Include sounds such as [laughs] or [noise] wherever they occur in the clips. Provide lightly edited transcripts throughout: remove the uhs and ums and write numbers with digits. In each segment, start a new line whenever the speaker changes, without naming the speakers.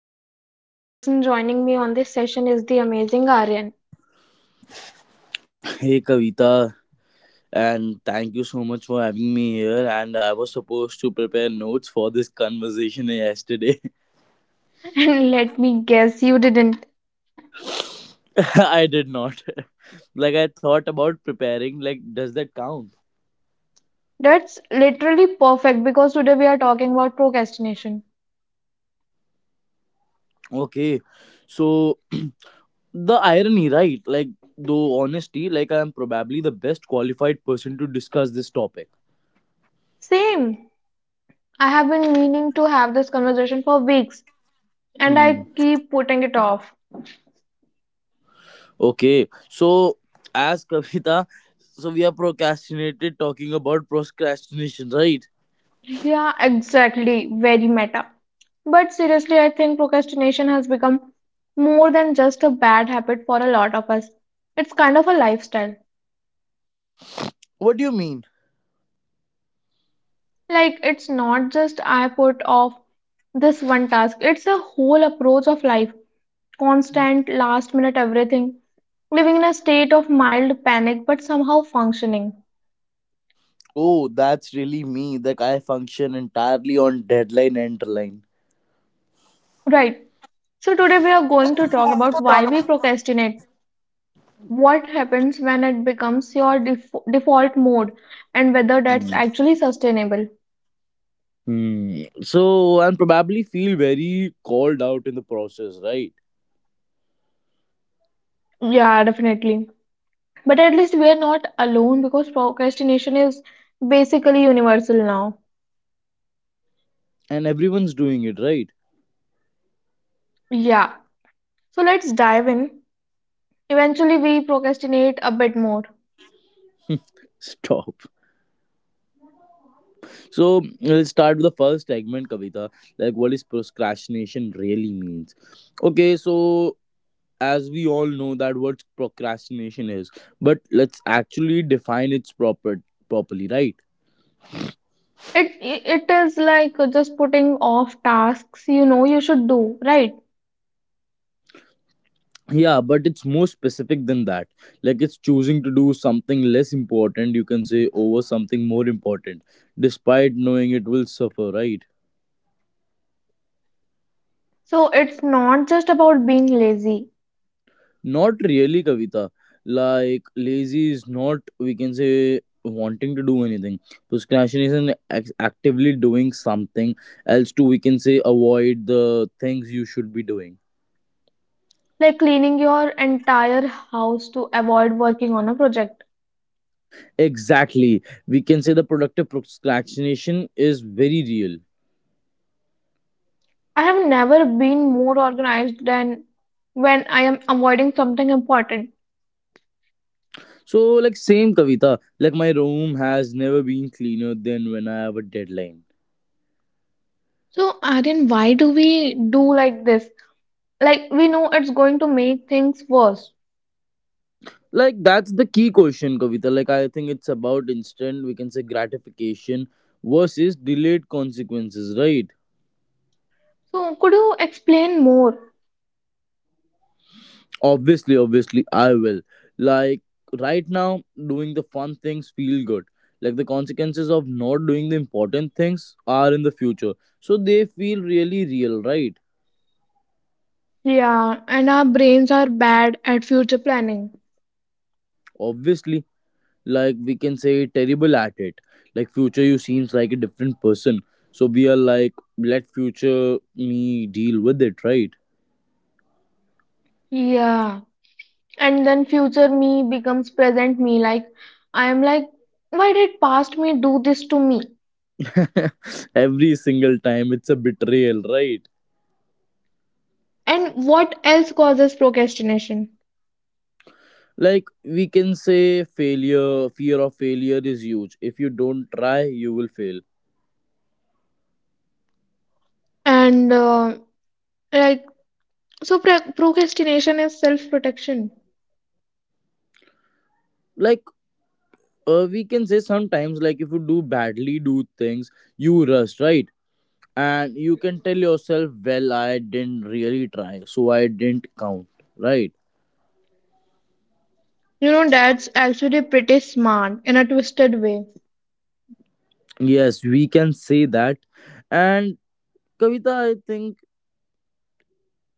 today the person joining me on this session is the amazing Aryan.
Hey Kavita, and thank you so much for having me here. And I was supposed to prepare notes for this conversation yesterday.
[laughs] And let me guess, you didn't.
[laughs] I did not. [laughs] Like I thought about preparing. Like, does that count?
That's literally perfect because today we are talking about procrastination.
Okay, so [clears throat] the irony, right? Like, though honesty, like I am probably the best qualified person to discuss this topic.
Same. I have been meaning to have this conversation for weeks and I
Hmm.
keep putting it off.
Okay, so as Kavita, so we are procrastinated talking about procrastination, right?
Yeah, exactly. Very meta. But seriously, I think procrastination has become more than just a bad habit for a lot of us. It's kind of a lifestyle.
What do you mean?
Like, it's not just I put off this one task, it's a whole approach of life. Constant, last minute everything. Living in a state of mild panic, but somehow functioning.
Oh, that's really me. Like I function entirely on deadline and line.
Right. So, today we are going to talk about why we procrastinate, what happens when it becomes your default mode, and whether that's
Hmm.
actually sustainable.
Hmm. So and probably feel very called out in the process, right?
Yeah, definitely. But at least we are not alone because procrastination is basically universal now.
And everyone's doing it, right?
Yeah. So let's dive in. Eventually, we procrastinate a bit more.
[laughs] Stop. So we'll start with the first segment, Kavita. Like what is procrastination really means? Okay, so as we all know that what procrastination is, but let's actually define its properly, right?
It is like just putting off tasks you know you should do, right?
Yeah, but it's more specific than that. Like it's choosing to do something less important, you can say, over something more important, despite knowing it will suffer, right?
So it's not just about being lazy,
Not really, Kavita. Like lazy is not, we can say, wanting to do anything. Procrastination is actively doing something else to, we can say, avoid the things you should be doing.
like cleaning your entire house to avoid working on a project.
Exactly, we can say the productive procrastination is very real.
I have never been more organized than when I am avoiding something important.
So, like, same Kavita, like, my room has never been cleaner than when I have a deadline.
So, Aryan, why do we do like this? Like we know it's going to make things worse.
Like, that's the key question, Kavita. Like, I think it's about instant, we can say, gratification versus delayed consequences, right?
So, could you explain more?
Obviously, I will. Like, right now, doing the fun things feel good. Like, the consequences of not doing the important things are in the future. So, they feel really real, right?
Yeah, and our brains are bad at future planning.
Obviously. Like we can say terrible at it. Like future you seems like a different person, so we are like, let future me deal with it, right?
Yeah, and then future me becomes present me. Like, I am like, why did past me do this to me?
[laughs] Every single time it's a betrayal, right?
And what else causes procrastination?
Like we can say failure, fear of failure is huge. If you don't try, you will fail.
And like, so procrastination is self protection.
Like, we can say sometimes, like if you do badly do things, you rush, right? And you can tell yourself, well, I didn't really try, so I didn't count, right?
You know, that's actually pretty smart in a twisted way.
Yes, we can say that. And Kavita, I think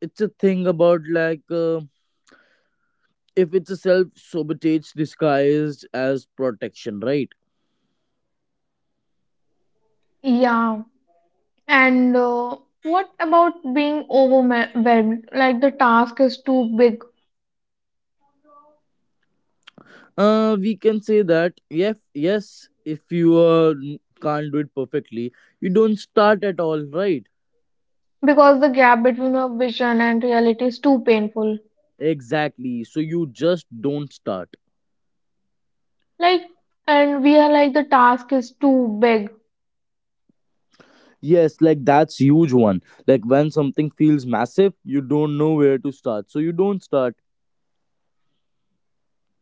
it's a thing about like, if it's a self sabotage disguised as protection, right?
Yeah, and what about being overwhelmed? Like, the task is too big
We can say that. Yes, yes. If you can't do it perfectly, you don't start at all, right?
because the gap between our vision and reality is too painful.
Exactly. So you just don't start.
Like, and we are like, the task is too big.
Yes, like that's huge one. Like when something feels massive, you don't know where to start, so you don't start.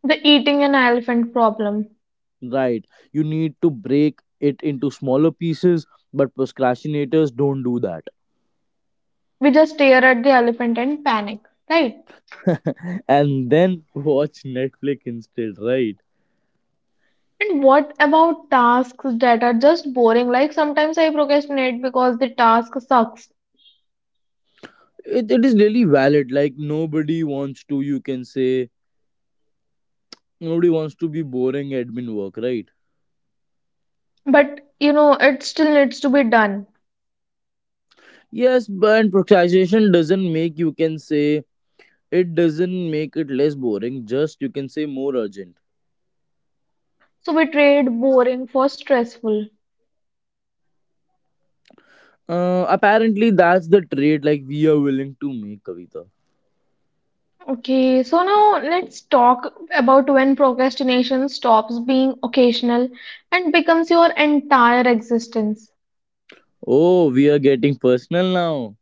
The eating an elephant problem.
Right. You need to break it into smaller pieces, but procrastinators don't do that.
We just stare at the elephant and panic, right?
[laughs] And then watch Netflix instead, right?
And what about tasks that are just boring? Like, sometimes I procrastinate because the task sucks,
It is really valid. Like, nobody wants to, you can say, nobody wants to be boring admin work, right?
but you know, it still needs to be done.
Yes, but procrastination doesn't make, you can say, it doesn't make it less boring, just, you can say, more urgent.
So we trade boring for stressful.
Apparently, that's the trait like we are willing to make, Kavita.
Okay, so now let's talk about when procrastination stops being occasional and becomes your entire existence.
Oh, we are getting personal now.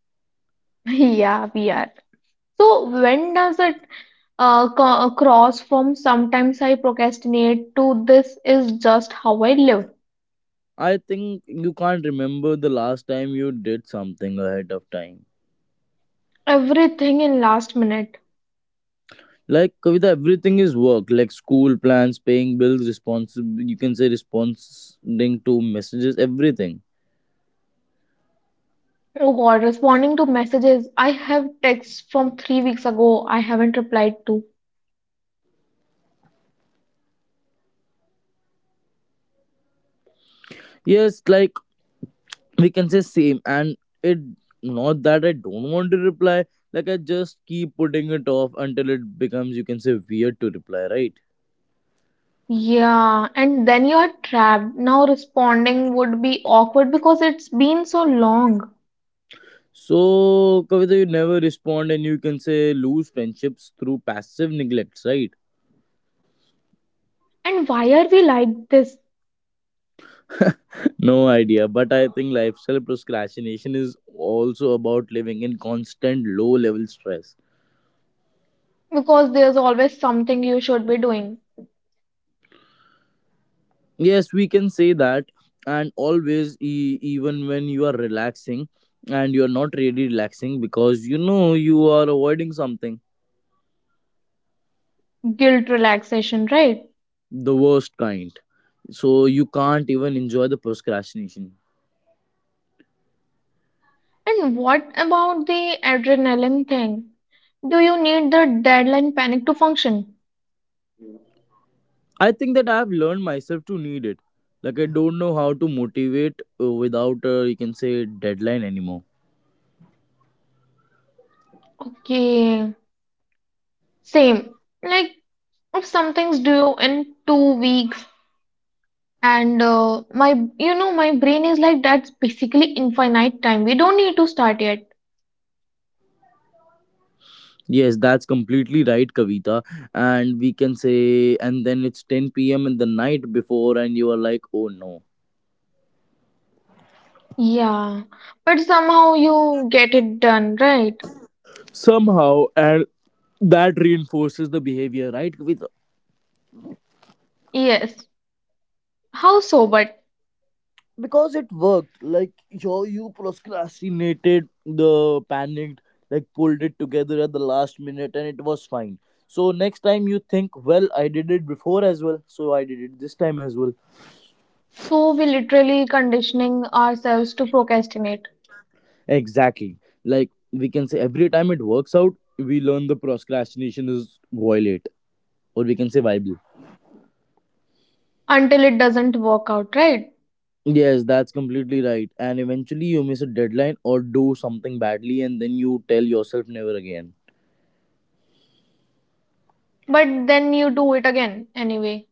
[laughs] Yeah, we are. So when does it cross from sometimes I procrastinate to this is just how I live?
I think you can't remember the last time you did something ahead of time.
Everything in last minute.
Like Kavita, everything is work, like school plans, paying bills, responsible. You can say responding to messages, everything.
Oh God, responding to messages, I have texts from 3 weeks ago I haven't replied to.
Yes, like we can say same, and it not that I don't want to reply. Like I just keep putting it off until it becomes, you can say, weird to reply, right?
Yeah, and then you are trapped. Now responding would be awkward because it's been so long.
So Kavita, you never respond, and you can say lose friendships through passive neglects, right?
And why are we like this?
No idea, but I think lifestyle procrastination is also about living in constant low level stress.
Because there's always something you should be doing.
Yes, we can say that, and always, even when you are relaxing and you are not really relaxing because you know you are avoiding something,
Guilt relaxation, right?
the worst kind. So you can't even enjoy the procrastination.
And what about the adrenaline thing? Do you need the deadline panic to function?
I think that I have learned myself to need it. Like, I don't know how to motivate without, you can say, deadline anymore.
Okay, same. Like if something's due in 2 weeks, and my, my brain is like that's basically infinite time. We don't need to start yet.
Yes, that's completely right, Kavita. And we can say, and then it's 10 p.m. in the night before, and you are like, oh no.
Yeah, but somehow you get it done, right?
Somehow, and that reinforces the behavior, right, Kavita?
Yes. How so? But
Because it worked. Like, you procrastinated, the panicked, like, pulled it together at the last minute, and it was fine. So, next time you think, well, I did it before as well, so I did it this time as well.
so we literally conditioning ourselves to procrastinate
Exactly. Like we can say every time it works out, we learn the procrastination is violate, or we can say viable.
until it doesn't work out, right?
Yes, that's completely right. And eventually you miss a deadline or do something badly and then you tell yourself never again.
But then you do it again anyway.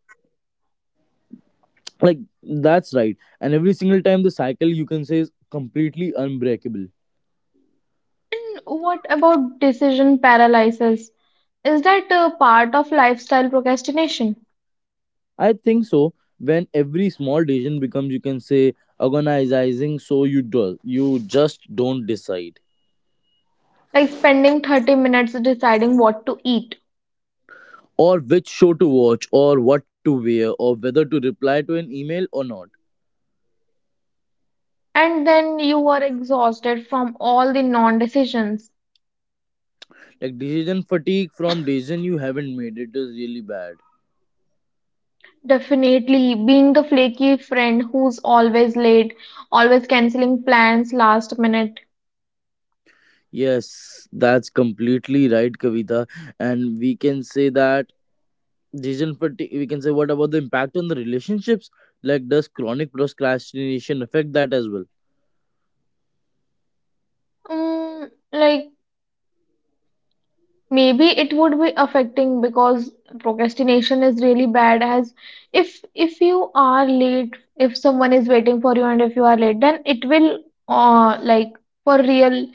Like that's right. And every single time the cycle you can say is completely unbreakable.
And what about decision paralysis? Is that a part of lifestyle procrastination?
I think so. When every small decision becomes, you can say, agonizing, so you do you just don't decide.
Like spending 30 minutes deciding what to eat,
Or which show to watch, or what to wear, or whether to reply to an email or not.
and then you are exhausted from all the non decisions.
Like decision fatigue from decision you haven't made, it is really bad.
Definitely, being the flaky friend who's always late, always canceling plans last minute.
Yes, that's completely right, Kavita. And we can say that decision fatigue, we can say what about the impact on the relationships? Like does chronic procrastination affect that as well?
Mm, like maybe it would be affecting because procrastination is really bad as if you are late, if someone is waiting for you and if you are late, then it will uh like for real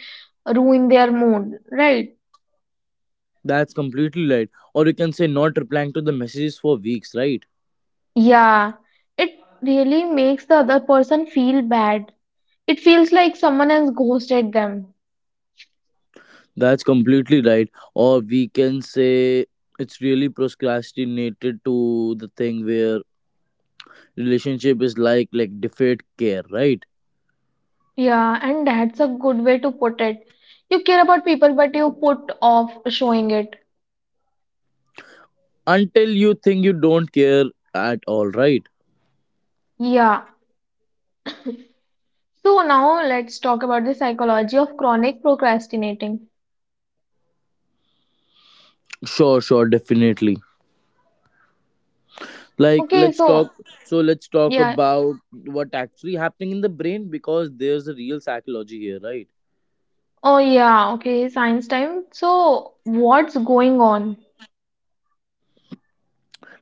ruin their mood, right?
That's completely right, or you can say not replying to the messages for weeks, right?
Yeah, it really makes the other person feel bad. It feels like someone has ghosted them.
That's completely right. Or we can say it's really procrastinated to the thing where relationship is like deferred care, right?
Yeah, and that's a good way to put it. You care about people, but you put off showing it.
Until you think you don't care at all, right?
Yeah. So now let's talk about the psychology of chronic procrastinating.
Sure, sure, definitely. Like
Okay,
let's talk
so
let's talk
yeah.
about what actually happening in the brain, because there's a real psychology here, right?
Oh, yeah. Okay, science time. So what's going on?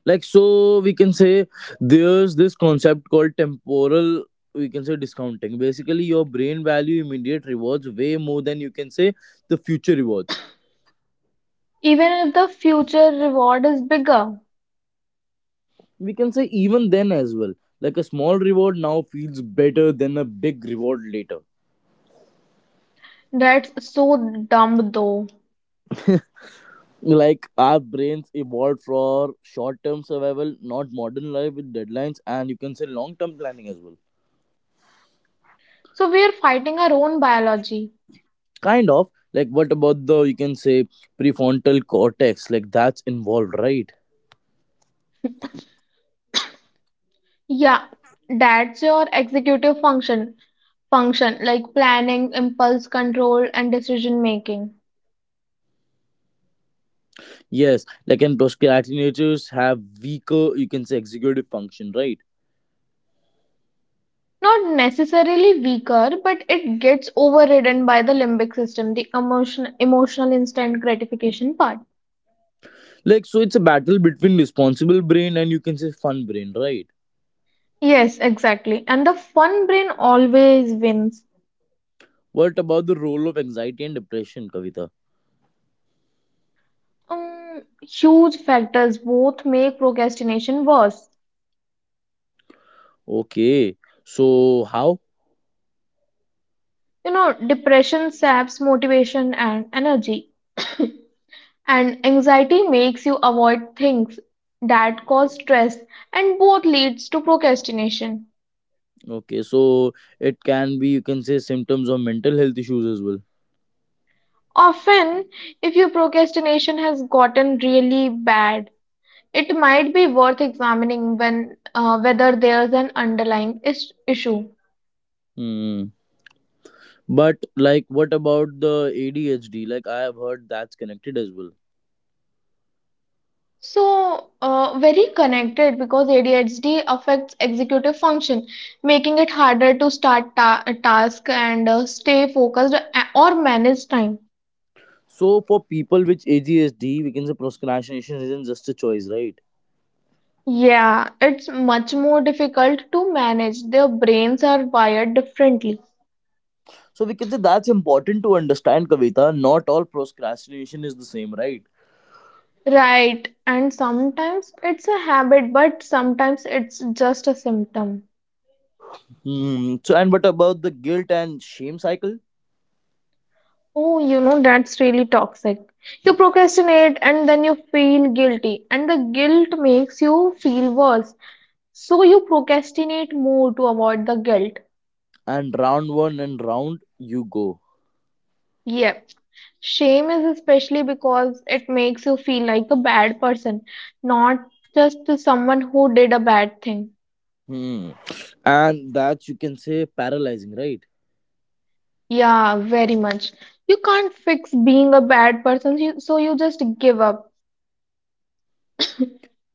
Like so we can say there's this concept called temporal, we can say, discounting. Basically your brain value immediate rewards way more than, you can say, the future rewards.
Even if the future reward is bigger,
We can say even then as well. Like a small reward now feels better than a big reward later.
that's so dumb though.
Like our brains evolved for short term survival, not modern life with deadlines and, you can say, long term planning as well.
So we are fighting our own biology.
Kind of. Like what about the, you can say, prefrontal cortex, like that's involved, right?
Yeah, that's your executive function. Function like planning, impulse control, and decision making.
Yes, like and procrastinators have weaker, you can say, executive function, right?
Not necessarily weaker, but it gets overridden by the limbic system, the emotional instant gratification part.
Like, so it's a battle between responsible brain and, you can say, fun brain, right?
Yes, exactly. And the fun brain always wins.
What about the role of anxiety and depression, Kavita?
Huge factors both make procrastination worse.
Okay, so how?
You know, depression saps motivation and energy. And anxiety makes you avoid things that cause stress and both leads to procrastination.
Okay, so it can be, you can say, symptoms of mental health issues as well.
Often, if your procrastination has gotten really bad, it might be worth examining when whether there's an underlying issue.
Hmm. But like, what about the ADHD? Like, I have heard that's connected as well.
So, very connected because ADHD affects executive function, making it harder to start a task and stay focused or manage time.
So for people with ADHD, we can say procrastination isn't just a choice, right?
Yeah, it's much more difficult to manage. Their brains are wired differently.
So we can say that's important to understand, Kavita. Not all procrastination is the same, right?
Right, and sometimes it's a habit, but sometimes it's just a symptom.
Hmm. So and what about the guilt and shame cycle?
Oh, you know, that's really toxic. You procrastinate and then you feel guilty, and the guilt makes you feel worse. So you procrastinate more to avoid the guilt.
And round one and round you go.
Yep. Shame is especially because it makes you feel like a bad person, not just to someone who did a bad thing.
Hmm. And that you can say paralyzing, right?
Yeah, very much. You can't fix being a bad person, so you just give up.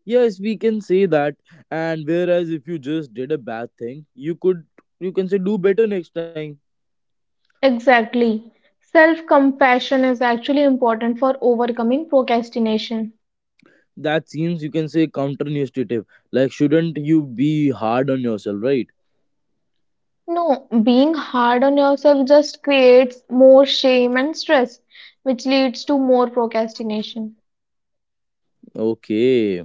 Yes, we can say that. And whereas if you just did a bad thing, you could, you can say, do better next time.
Exactly. Self-compassion is actually important for overcoming procrastination.
That seems you can say counterintuitive. Like shouldn't you be hard on yourself, right?
No, being hard on yourself just creates more shame and stress, which leads to more procrastination.
Okay.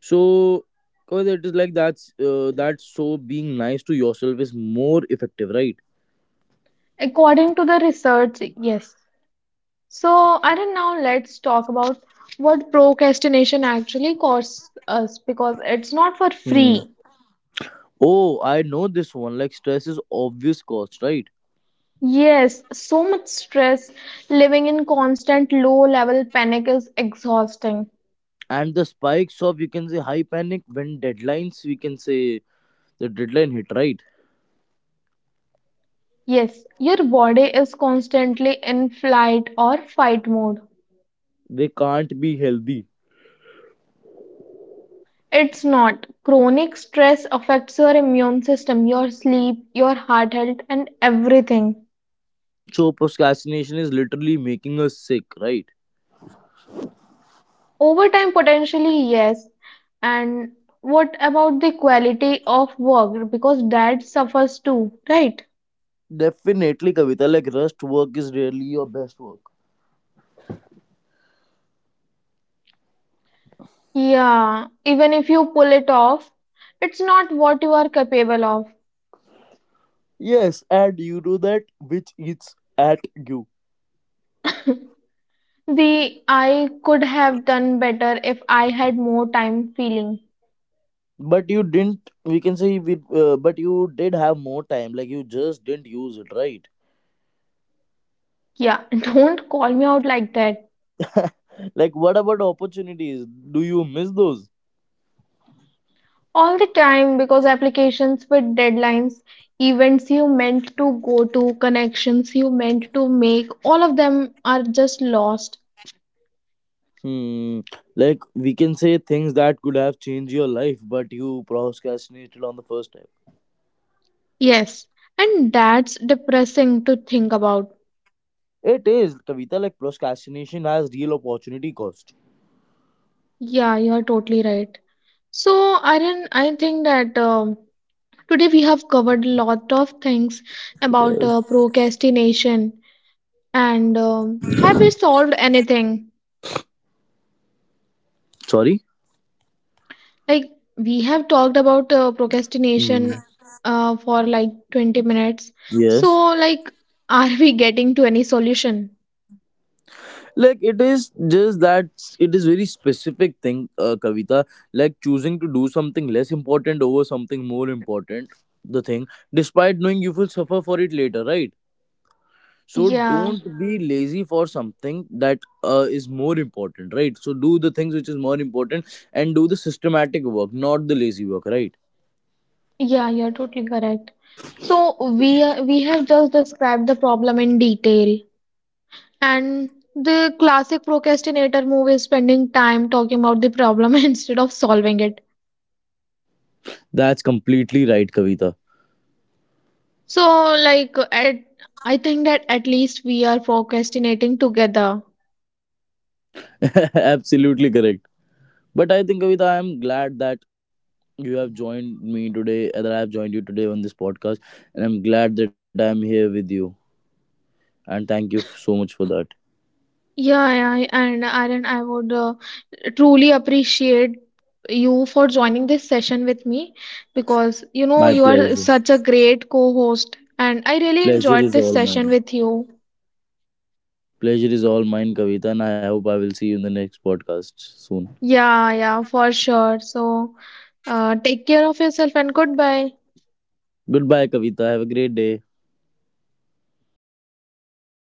So, cause it is like that's so being nice to yourself is more effective, right?
According to the research, yes. So, Arun, now let's talk about what procrastination actually costs us because it's not for
Hmm.
free.
Oh, I know this one. Like stress is obvious cost, right?
Yes, so much stress, living in constant low level panic is exhausting.
And the spikes of, you can say, high panic when deadlines, we can say, the deadline hit, right?
Yes, your body is constantly in flight or fight mode.
They can't be healthy.
It's not. Chronic stress affects your immune system, your sleep, your heart health, and everything.
So procrastination is literally making us sick, right?
Over time, potentially, yes. And what about the quality of work? Because that suffers too, right?
Definitely, Kavita. Like rust work is really your best work.
Yeah, even if you pull it off, it's not what you are capable of.
Yes, and you do that which eats at you.
The I could have done better if I had more time feeling.
But you didn't, we can say we but you did have more time. Like you just didn't use it, right?
Yeah, [laughs] don't call me out like that
Like what about opportunities, do you miss those?
all the time because applications with deadlines, events you meant to go to, connections you meant to make, all of them are just lost.
Hmm. Like we can say things that could have changed your life, but you procrastinated on the first time.
Yes, and that's depressing to think about.
It is Kavita, like procrastination has real opportunity cost.
Yeah, you are totally right. So, Aryan, I think that today we have covered a lot of things about
Yes.
procrastination and have we solved anything?
Sorry.
Like, we have talked about
Hmm.
procrastination for like 20 minutes.
Yes,
So, like, [laughs] are we getting to any solution?
like it is just it is very specific thing, Kavita. Like choosing to do something less important over something more important, the thing, despite knowing you will suffer for it later, right? So
Yeah.
don't be lazy for something that is more important, right? So do the things which is more important, and do the systematic work, not the lazy work, right?
Yeah, you're totally correct. So we have just described the problem in detail, and the classic procrastinator move is spending time talking about the problem [laughs] instead of solving it.
That's completely right, Kavita.
So like at, I think that at least we are procrastinating together.
[laughs] Absolutely correct. But I think Kavita, I am glad that you have joined me today, that I have joined you today on this podcast, and I'm glad that I'm here with you. And thank you so much for that.
Yeah, yeah, and Aaron, I would truly appreciate you for joining this session with me because you know
My
you are
pleasure.
such a great co-host, and I really
Pleasure
enjoyed
is
this
all
session
mine.
with you.
Pleasure is all mine, Kavita, and I hope I will see you in the next podcast soon.
Yeah, yeah, for sure. So, take care of yourself and goodbye.
Goodbye, Kavita. Have a great day.